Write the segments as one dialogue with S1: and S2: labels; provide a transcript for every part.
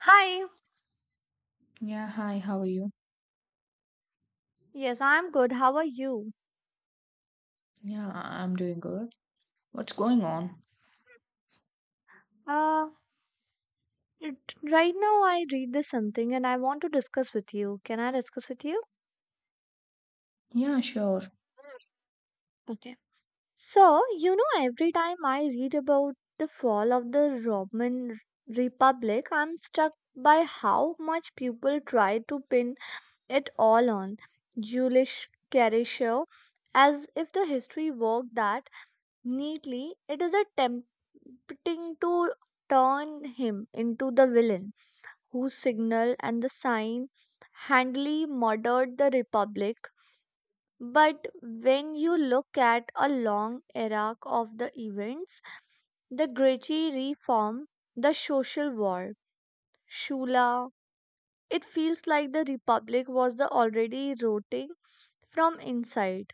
S1: Hi.
S2: Yeah, hi, how are you?
S1: Yes, I'm good. How are you?
S2: Yeah, I'm doing good. What's going on?
S1: Uh, right now I read this something and I want to discuss with you. Can I discuss with you?
S2: Yeah, sure.
S1: Okay. So, every time I read about the fall of the Roman Republic, I'm struck by how much people try to pin it all on Julius Caesar, as if the history worked that neatly. It is attempting to turn him into the villain whose signal and the sign handily murdered the Republic. But when you look at a long arc of the events, the Greci reform, the social war, Shula, it feels like the Republic was the already rotting from inside.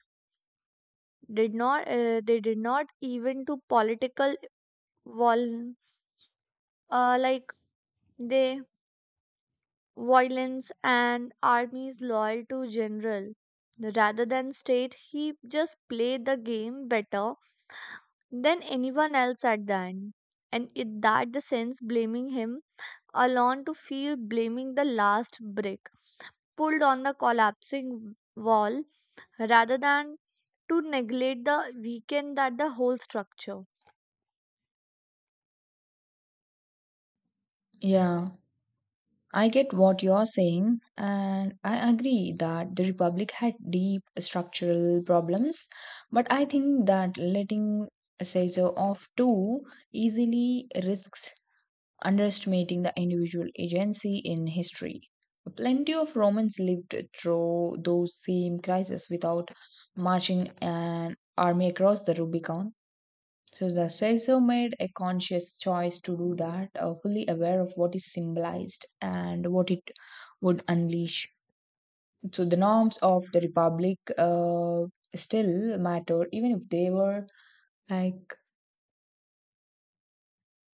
S1: Did not they did not even to political wall like they violence and armies loyal to general rather than state he just played the game better than anyone else at the end and in that the sense blaming him alone to feel blaming the last brick pulled on the collapsing wall rather than to neglect the weekend that the whole structure.
S2: Yeah, I get what you're saying, and I agree that the Republic had deep structural problems, but I think that letting Caesar off too easily risks underestimating the individual agency in history. Plenty of Romans lived through those same crises without marching an army across the Rubicon. So the Seizo made a conscious choice to do that, fully aware of what is symbolized and what it would unleash. So the norms of the republic still mattered, even if they were like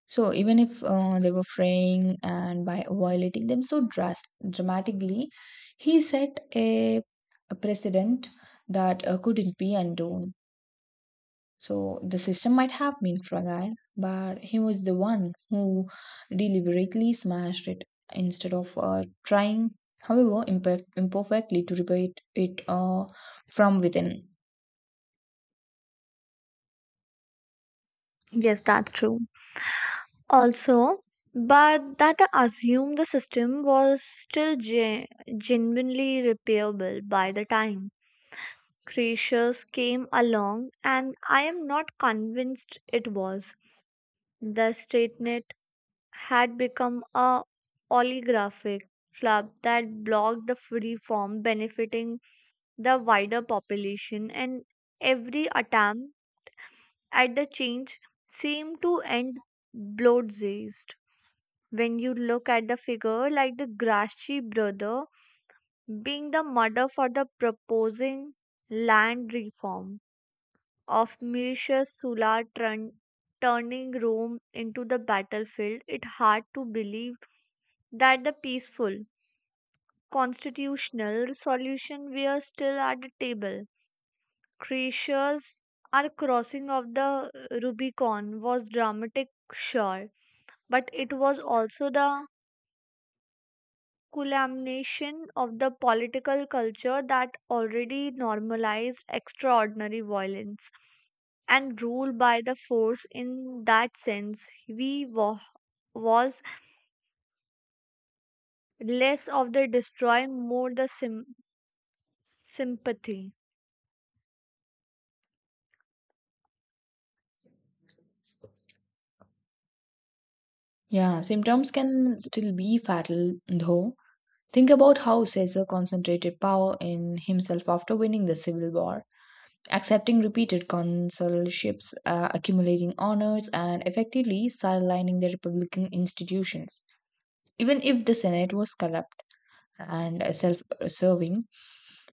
S2: so, even if they were fraying and by violating them so dramatically, he set a precedent that couldn't be undone. So the system might have been fragile, but he was the one who deliberately smashed it instead of trying, however imperfectly, to repair it from within.
S1: Yes, that's true. Also, but that assumed the system was still genuinely repairable by the time creatures came along and I am not convinced it was. The statenet had become a oligarchic club that blocked the free form benefiting the wider population and every attempt at the change seemed to end bloodthirst when you look at the figure like the Grashi brother being the mother for the proposing land reform of Mirisha Sulla, turning Rome into the battlefield, it's hard to believe that the peaceful constitutional solution we are still at the table. Croatia's our crossing of the Rubicon was dramatic, sure, but it was also the culmination of the political culture that already normalized extraordinary violence and rule by the force in that sense we wa- was less of the destroy more the sympathy.
S2: Yeah, symptoms can still be fatal though. Think about how Caesar concentrated power in himself after winning the civil war, accepting repeated consulships, accumulating honors, and effectively sidelining the republican institutions. Even if the Senate was corrupt and self serving,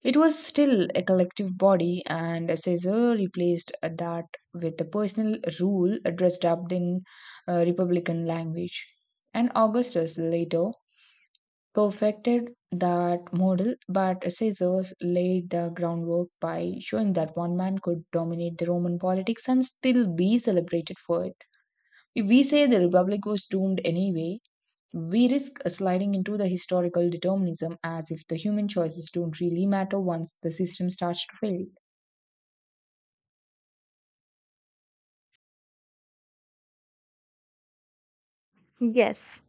S2: it was still a collective body, and Caesar replaced that with a personal rule dressed up in republican language. And Augustus later perfected that model, but Caesar laid the groundwork by showing that one man could dominate the Roman politics and still be celebrated for it. If we say the republic was doomed anyway, we risk sliding into the historical determinism as if the human choices don't really matter once the system starts to fail.
S1: Yes,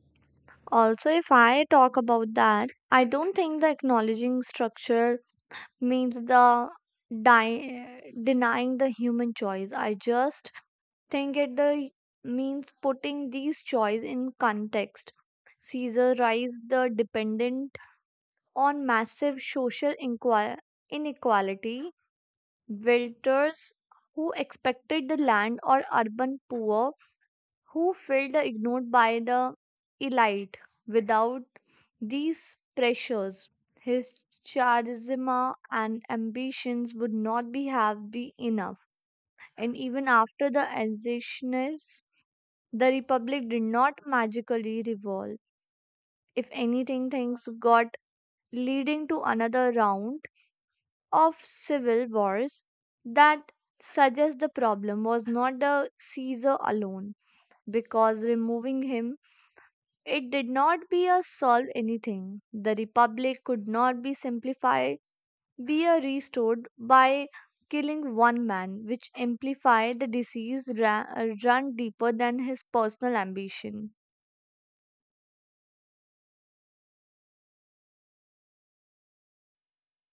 S1: also if I talk about that I don't think the acknowledging structure means the di- denying the human choice I just think it the means putting these choice in context. Caesar rise the dependent on massive social inequality, builders who expected the land or urban poor who felt the ignored by the elite without these pressures. His charisma and ambitions would not be have be enough. And even after the ascension the Republic did not magically revolve. If anything, things got leading to another round of civil wars that suggests the problem was not the Caesar alone, because removing him, it did not be a solve anything. The Republic could not be simplified, be a restored by killing one man, which amplified the disease run deeper than his personal ambition.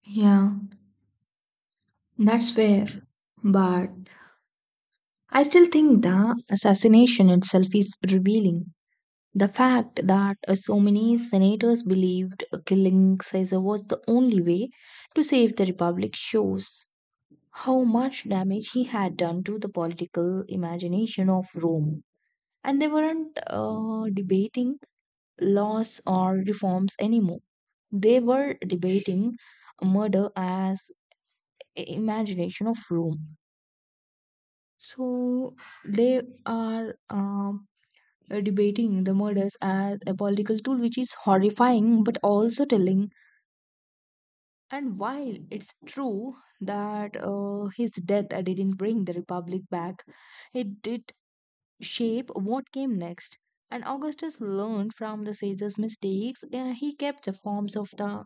S2: Yeah, that's fair. But I still think the assassination itself is revealing. The fact that so many senators believed killing Caesar was the only way to save the republic shows how much damage he had done to the political imagination of Rome. And they weren't debating laws or reforms anymore. They were debating murder as imagination of Rome. So they are debating the murders as a political tool, which is horrifying but also telling. And while it's true that his death didn't bring the republic back, it did shape what came next. And Augustus learned from the Caesar's mistakes. He kept the forms of the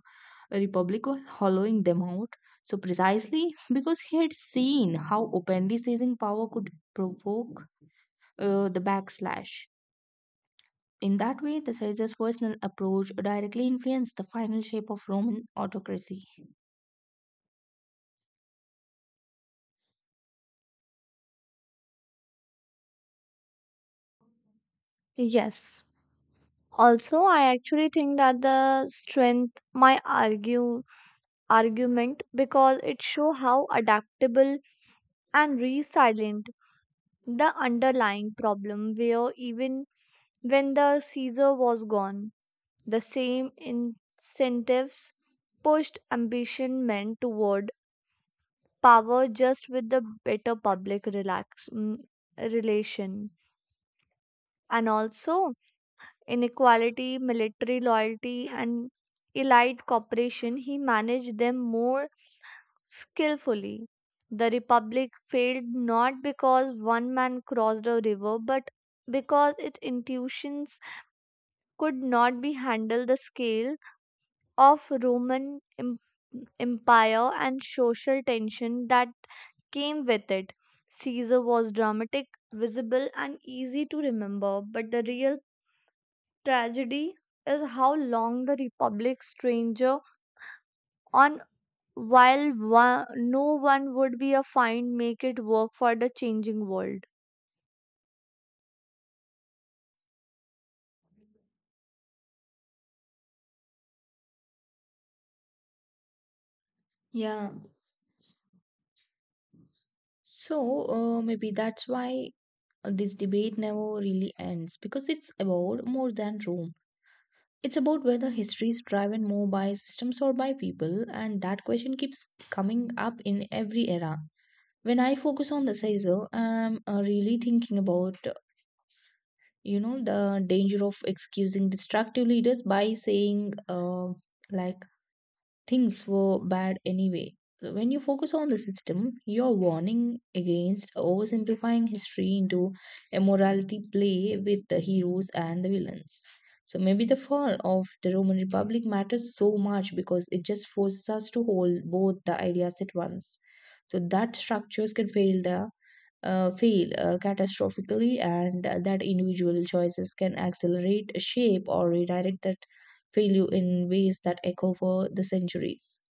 S2: Republic while hollowing them out. So, precisely because he had seen how openly seizing power could provoke the backslash. In that way, the Caesar's personal approach directly influenced the final shape of Roman autocracy.
S1: Yes, also I actually think that the strength my argue argument because it show how adaptable and resilient the underlying problem were even when the Caesar was gone. The same incentives pushed ambition men toward power just with the better public relation and also inequality, military loyalty, and elite cooperation, he managed them more skillfully. The Republic failed not because one man crossed a river, but because its institutions could not be handled the scale of Roman empire and social tension that came with it. Caesar was dramatic, visible, and easy to remember, but the real tragedy is how long the republic stranger on while one, no one would be a find make it work for the changing world.
S2: Yeah, so maybe that's why this debate never really ends because it's about more than Rome. It's about whether history is driven more by systems or by people, and that question keeps coming up in every era. When I focus on the Caesar, I'm really thinking about the danger of excusing destructive leaders by saying like things were bad anyway. So when you focus on the system, you're warning against oversimplifying history into a morality play with the heroes and the villains. So maybe the fall of the Roman Republic matters so much because it just forces us to hold both the ideas at once. So that structures can fail there fail catastrophically, and that individual choices can accelerate, shape, or redirect that failure in ways that echo for the centuries.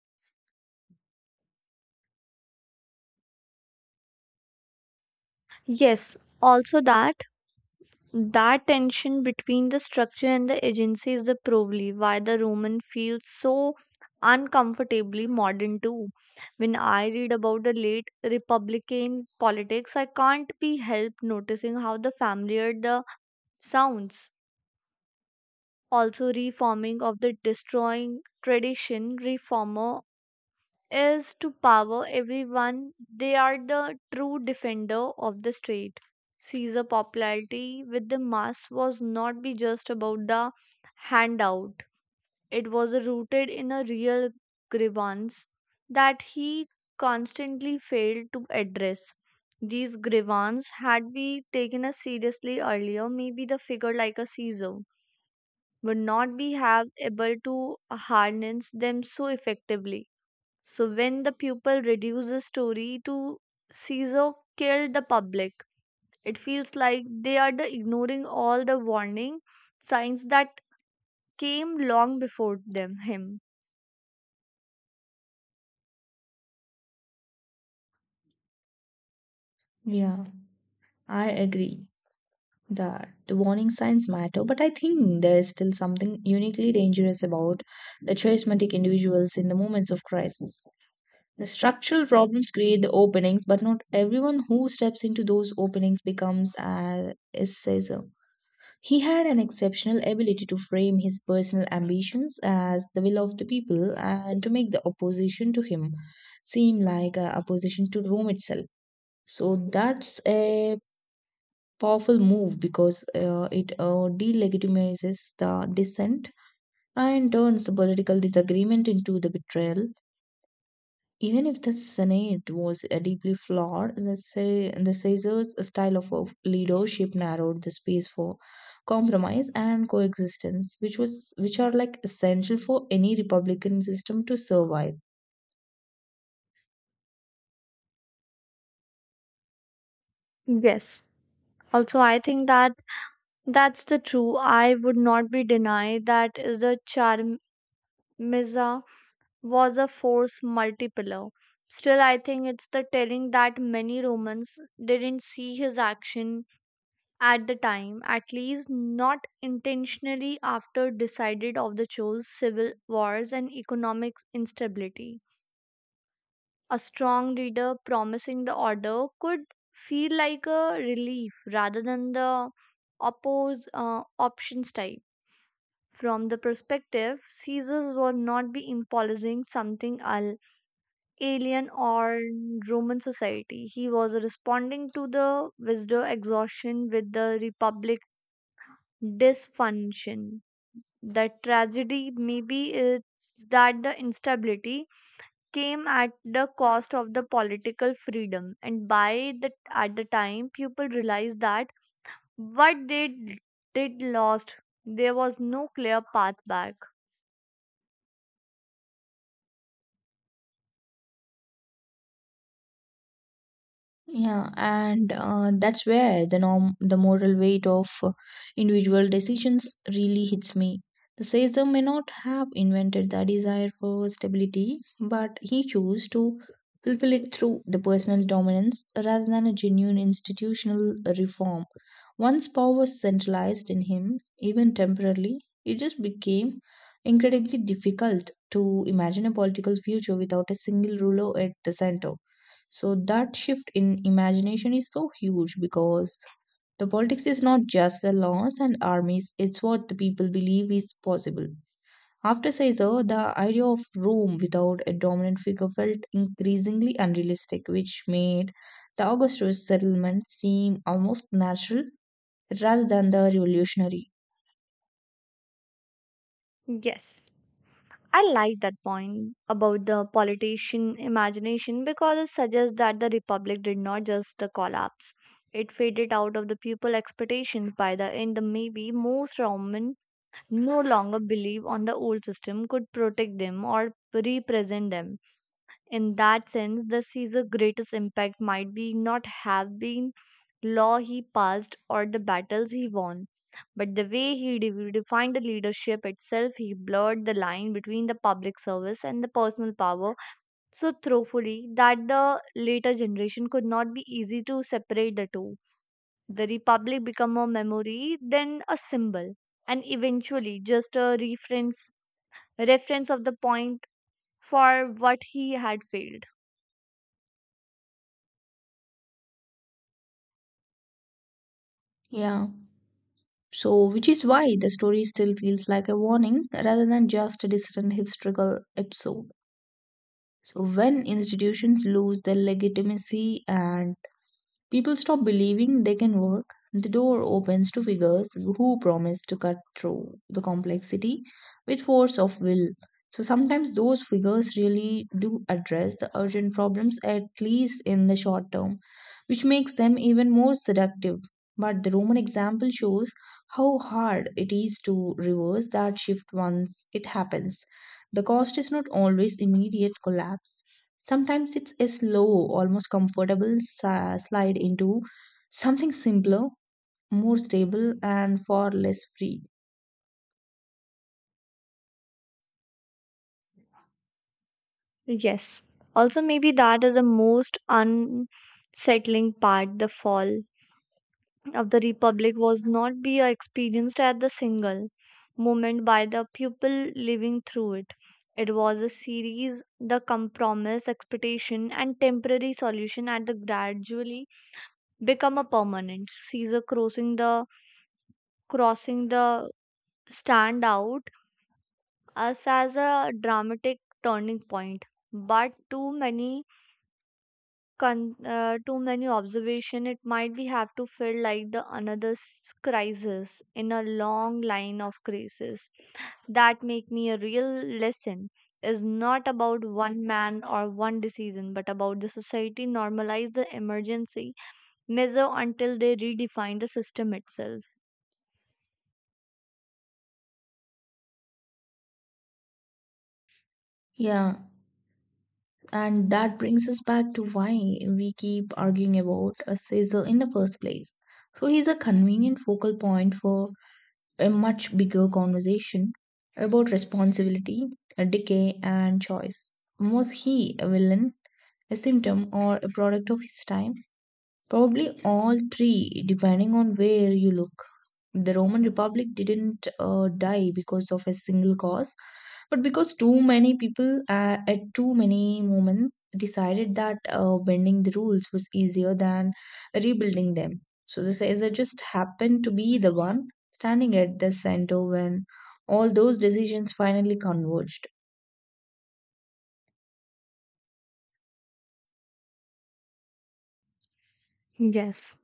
S1: Yes, also that that tension between the structure and the agency is the probably why the Roman feels so uncomfortably modern too. When I read about the late republican politics I can't be helped noticing how the familiar the sounds, also reforming of the destroying tradition reformer is to power everyone. They are the true defender of the state. Caesar popularity with the mass was not be just about the handout, it was rooted in a real grievance that he constantly failed to address. These grievances had we taken as seriously earlier maybe the figure like a Caesar would not be have able to harness them so effectively. So when the pupil reduces story to Caesar killed the public, it feels like they are the ignoring all the warning signs that came long before them him.
S2: Yeah, I agree that the warning signs matter, but I think there is still something uniquely dangerous about the charismatic individuals in the moments of crisis. The structural problems create the openings, but not everyone who steps into those openings becomes a assessor. He had an exceptional ability to frame his personal ambitions as the will of the people and to make the opposition to him seem like a opposition to Rome itself. So that's a powerful move because it delegitimizes the dissent and turns the political disagreement into the betrayal. Even if the Senate was deeply flawed, the Caesar's style of leadership narrowed the space for compromise and coexistence, which was which are like essential for any republican system to survive.
S1: Yes. Also I think that that's the true. I would not be denied that is the charmiza. Was a force multiplier. Still, I think it's the telling that many Romans didn't see his action at the time, at least not intentionally after decided of the chose civil wars and economic instability. A strong leader promising the order could feel like a relief rather than the oppose options type. From the perspective, Caesars were not be imposing something alive alien or Roman society. He was responding to the wisdom exhaustion with the republic dysfunction. The tragedy maybe is that the instability came at the cost of the political freedom and by the at the time people realized that what they did lost there was no clear path back.
S2: Yeah, and that's where the norm, the moral weight of individual decisions really hits me. The Caesar may not have invented the desire for stability, but he chose to fulfill it through the personal dominance rather than a genuine institutional reform. Once power was centralized in him, even temporarily, it just became incredibly difficult to imagine a political future without a single ruler at the center. So that shift in imagination is so huge because the politics is not just the laws and armies, it's what the people believe is possible. After Caesar, the idea of Rome without a dominant figure felt increasingly unrealistic, which made the Augustus settlement seem almost natural rather than the revolutionary.
S1: Yes, I like that point about the politician imagination because it suggests that the republic did not just collapse. It faded out of the people expectations by the end. The maybe most Roman no longer believe on the old system could protect them or represent them. In that sense, the Caesar greatest impact might be not have been law he passed or the battles he won, but the way he defined the leadership itself, he blurred the line between the public service and the personal power so thoroughly that the later generation could not be easy to separate the two. The republic became a memory, then a symbol, and eventually just a reference of the point for what he had failed.
S2: Yeah. So, which is why the story still feels like a warning rather than just a distant historical episode. So, when institutions lose their legitimacy and people stop believing they can work. The door opens to figures who promise to cut through the complexity with force of will. So sometimes those figures really do address the urgent problems, at least in the short term, which makes them even more seductive. But the Roman example shows how hard it is to reverse that shift once it happens. The cost is not always immediate collapse. Sometimes it's a slow, almost comfortable slide into something simpler, more stable, and far less free.
S1: Yes. Also, maybe that is the most unsettling part. The fall of the Republic was not be experienced at the single moment by the people living through it. It was a series, the compromise, expectation, and temporary solution at the gradually become a permanent. Caesar crossing the stand out us as a dramatic turning point, but too many observation it might be have to feel like the another crisis in a long line of crises that make me a real lesson is not about one man or one decision but about the society normalize the emergency measure until they redefine the system itself.
S2: Yeah, and that brings us back to why we keep arguing about a scissor in the first place. So he's a convenient focal point for a much bigger conversation about responsibility, a decay, and choice. Was he a villain, a symptom, or a product of his time? Probably all three, depending on where you look. The Roman Republic didn't die because of a single cause, but because too many people at too many moments decided that bending the rules was easier than rebuilding them. So the Caesar just happened to be the one standing at the center when all those decisions finally converged.
S1: Yes.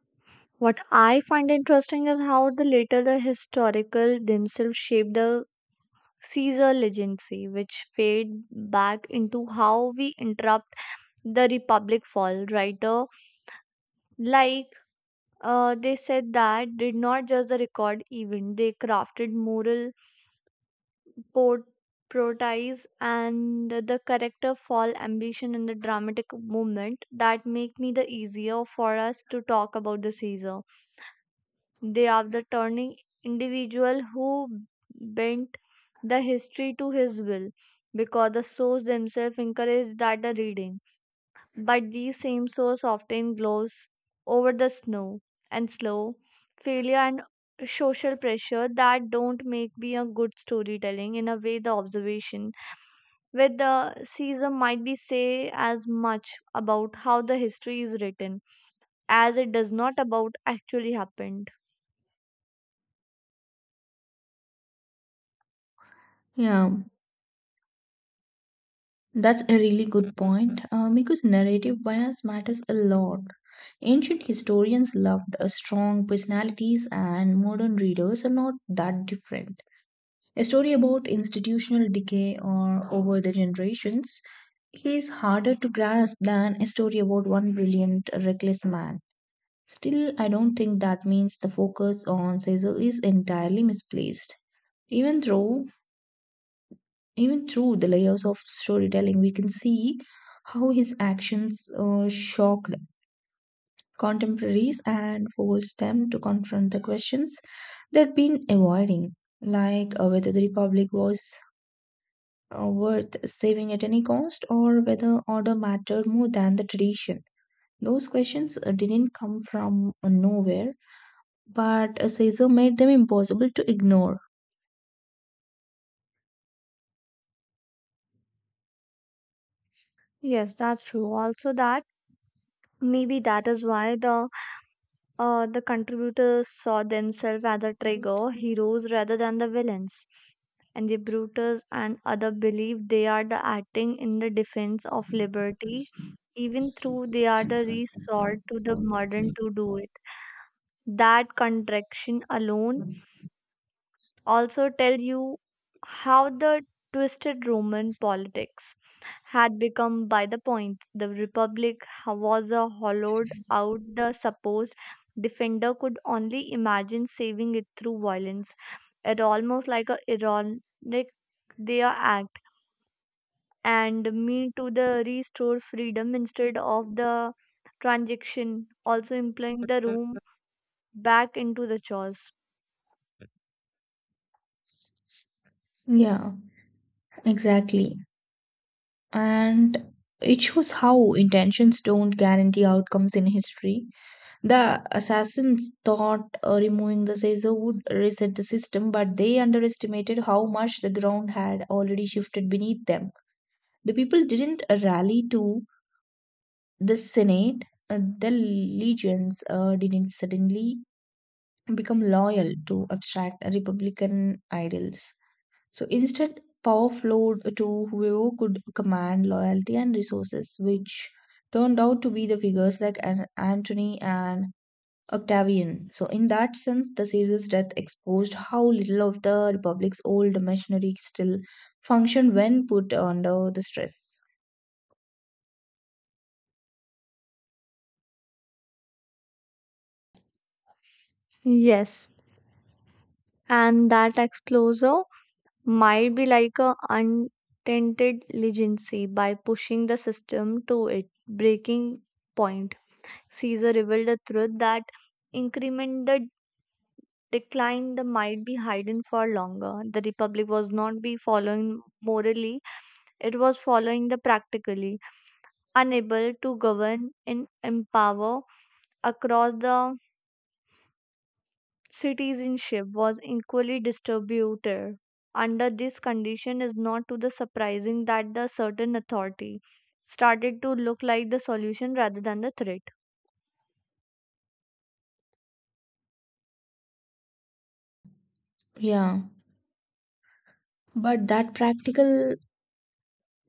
S1: What I find interesting is how the later the historical themselves shaped the Caesar legacy, which fade back into how we interrupt the Republic fall. Writer like they said that did not just the record event; they crafted moral port protease and the character fall ambition and the dramatic moment that make me the easier for us to talk about the Caesar. They are the turning individual who bent the history to his will because the source themselves encouraged that the reading. But these same source often glows over the snow and slow failure and social pressure that don't make me a good storytelling in a way the observation with the Caesar might be say as much about how the history is written as it does not about actually happened.
S2: Yeah. That's a really good point because narrative bias matters a lot. Ancient historians loved strong personalities, and modern readers are not that different. A story about institutional decay or over the generations is harder to grasp than a story about one brilliant, reckless man. Still, I don't think that means the focus on Caesar is entirely misplaced. Even though Even through the layers of storytelling, we can see how his actions shocked contemporaries and forced them to confront the questions they'd been avoiding, like whether the Republic was worth saving at any cost or whether order mattered more than the tradition. Those questions didn't come from nowhere, but Caesar made them impossible to ignore.
S1: Yes, that's true. Also, that maybe that is why the contributors saw themselves as a trigger heroes rather than the villains, and the Brutus and other believe they are the acting in the defense of liberty, even though they are the resort to the modern to do it. That contradiction alone also tell you how the twisted Roman politics had become by the point the Republic was a hollowed out the supposed defender could only imagine saving it through violence. It almost like a ironic their act and mean to the restore freedom instead of the transaction also implying the room back into the chores.
S2: Yeah, exactly. And it shows how intentions don't guarantee outcomes in history. The assassins thought removing the Caesar would reset the system, but they underestimated how much the ground had already shifted beneath them. The people didn't rally to the Senate, the legions didn't suddenly become loyal to abstract Republican ideals. So instead, power flowed to whoever could command loyalty and resources, which turned out to be the figures like Antony and Octavian. So, in that sense, the Caesar's death exposed how little of the Republic's old machinery still functioned when put under the stress.
S1: Yes, and that explosion might be like a untainted legacy by pushing the system to its breaking point. Caesar revealed the truth that increment the decline the might be hidden for longer. The Republic was not be following morally, it was following the practically, unable to govern and empower across the citizenship was equally distributed. Under this condition, is not to the surprising that the certain authority started to look like the solution rather than the threat.
S2: Yeah, but that practical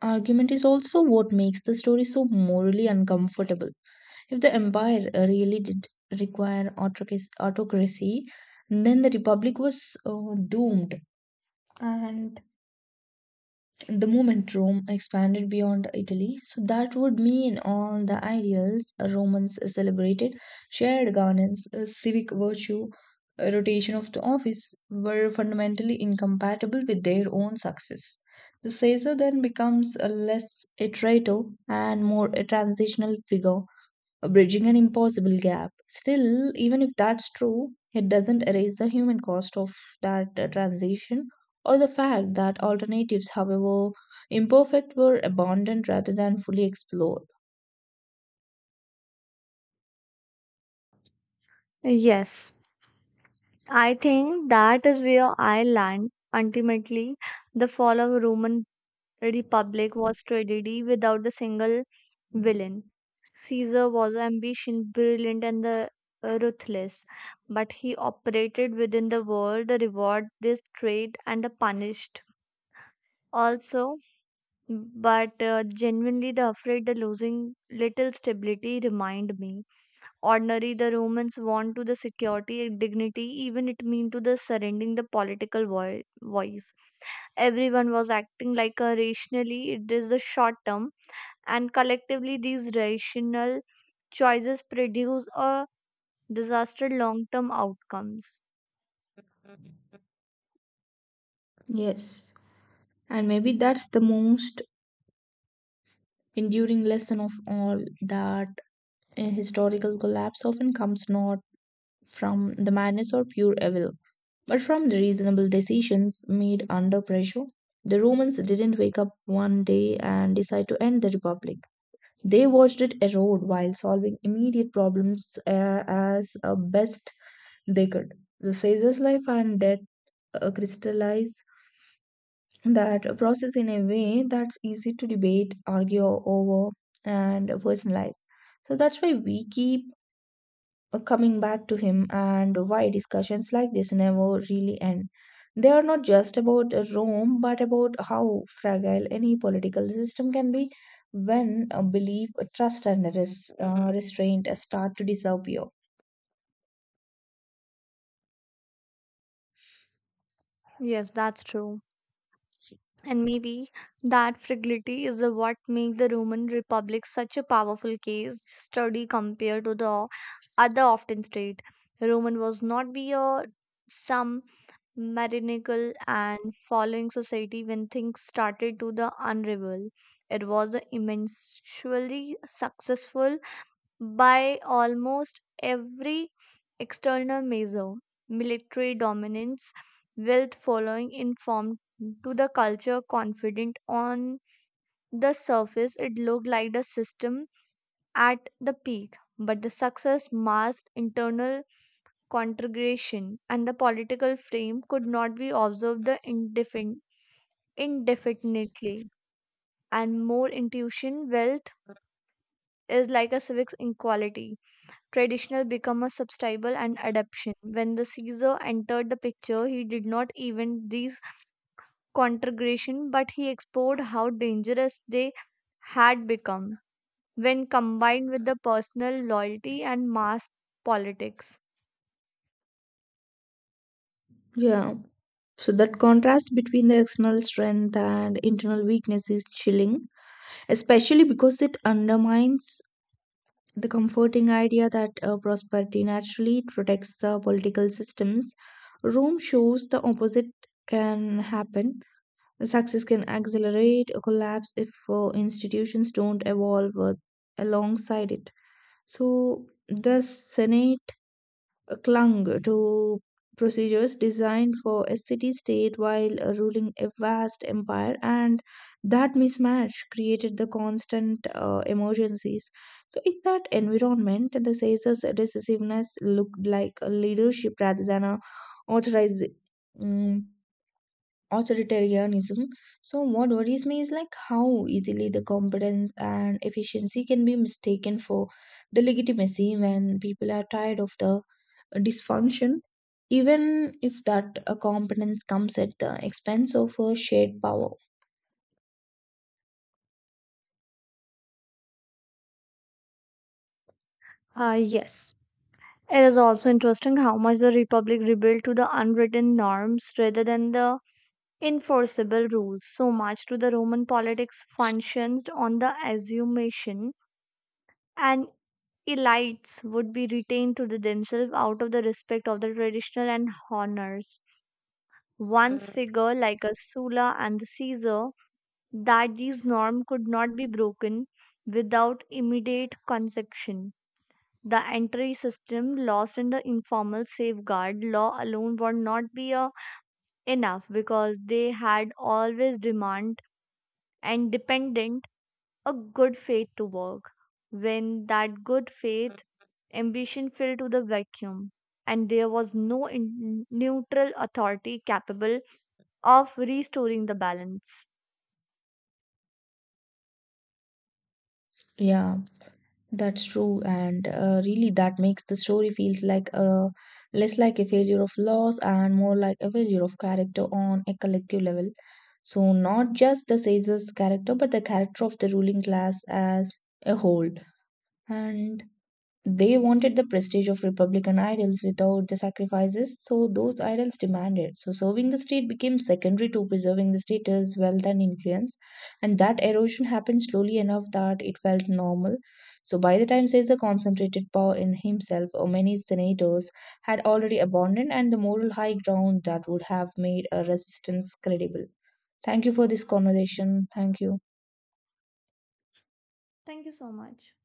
S2: argument is also what makes the story so morally uncomfortable. If the empire really did require autocracy, then the republic was doomed. And the moment Rome expanded beyond Italy, so that would mean all the ideals Romans celebrated shared governance, civic virtue, rotation of the office were fundamentally incompatible with their own success. The Caesar then becomes a less a traitor and more a transitional figure bridging an impossible gap. Still, even if that's true, it doesn't erase the human cost of that transition or the fact that alternatives, however imperfect, were abandoned rather than fully explored.
S1: Yes, I think that is where I land ultimately. The fall of Roman republic was tragedy without a single villain. Caesar was ambition, brilliant, and the ruthless, but he operated within the world, the reward, this trade, and the punished also. But genuinely, the afraid the losing little stability remind me ordinary the romans want to the security and dignity even it mean to the surrendering the political voice everyone was acting like a rationally it is the short term and collectively these rational choices produce a disaster long term outcomes.
S2: Yes, and maybe that's the most enduring lesson of all, that a historical collapse often comes not from the madness or pure evil, but from the reasonable decisions made under pressure, the Romans didn't wake up one day and decide to end the Republic. They watched it erode while solving immediate problems as best they could. The Caesar's life and death crystallize that process in a way that's easy to debate, argue over, and personalize. So that's why we keep coming back to him and why discussions like this never really end. They are not just about Rome, but about how fragile any political system can be when belief, trust, and restraint start to disappear.
S1: Yes, that's true. And maybe that fragility is the what make the Roman republic such a powerful case study compared to the other often state. Roman was not be a some marinical and following society when things started to the unravel. It was the immensely successful by almost every external measure. Military dominance, wealth following informed to the culture confident on the surface it looked like the system at the peak but the success masked internal conflagration and the political frame could not be observed the indefinitely and more intuition wealth is like a civic equality traditional become a substitute and adaptation. When the Caesar entered the picture, he did not invent these conflagrations, but he explored how dangerous they had become when combined with the personal loyalty and mass politics.
S2: Yeah. So that contrast between the external strength and internal weakness is chilling, especially because it undermines the comforting idea that prosperity naturally protects the political systems. Rome shows the opposite can happen. Success can accelerate a collapse if institutions don't evolve alongside it. So, the Senate clung to procedures designed for a city state while ruling a vast empire, and that mismatch created the constant emergencies. So, in that environment, the Caesar's decisiveness looked like a leadership rather than a authorization authoritarianism. So, what worries me is like how easily the competence and efficiency can be mistaken for the legitimacy when people are tired of the dysfunction, even if that competence comes at the expense of a shared power.
S1: Ah, yes. It is also interesting how much the Republic rebelled to the unwritten norms rather than the enforceable rules. So much to the Roman politics functions on the assumption and elites would be retained to the themselves out of the respect of the traditional and honors. Once figure like a Sulla and the Caesar that these norms could not be broken without immediate concession. The entry system lost in the informal safeguard law alone would not be enough because they had always demand and dependent a good faith to work when that good faith ambition filled to the vacuum and there was no neutral authority capable of restoring the balance.
S2: Yeah. That's true, and really that makes the story feels like a less like a failure of loss and more like a failure of character on a collective level. So not just the Caesar's character, but the character of the ruling class as a whole. And they wanted the prestige of Republican ideals without the sacrifices so those ideals demanded. So serving the state became secondary to preserving the status, wealth, and influence. And that erosion happened slowly enough that it felt normal. So by the time Caesar concentrated power in himself, or many senators had already abandoned and the moral high ground that would have made a resistance credible. Thank you for this conversation. Thank you.
S1: Thank you so much.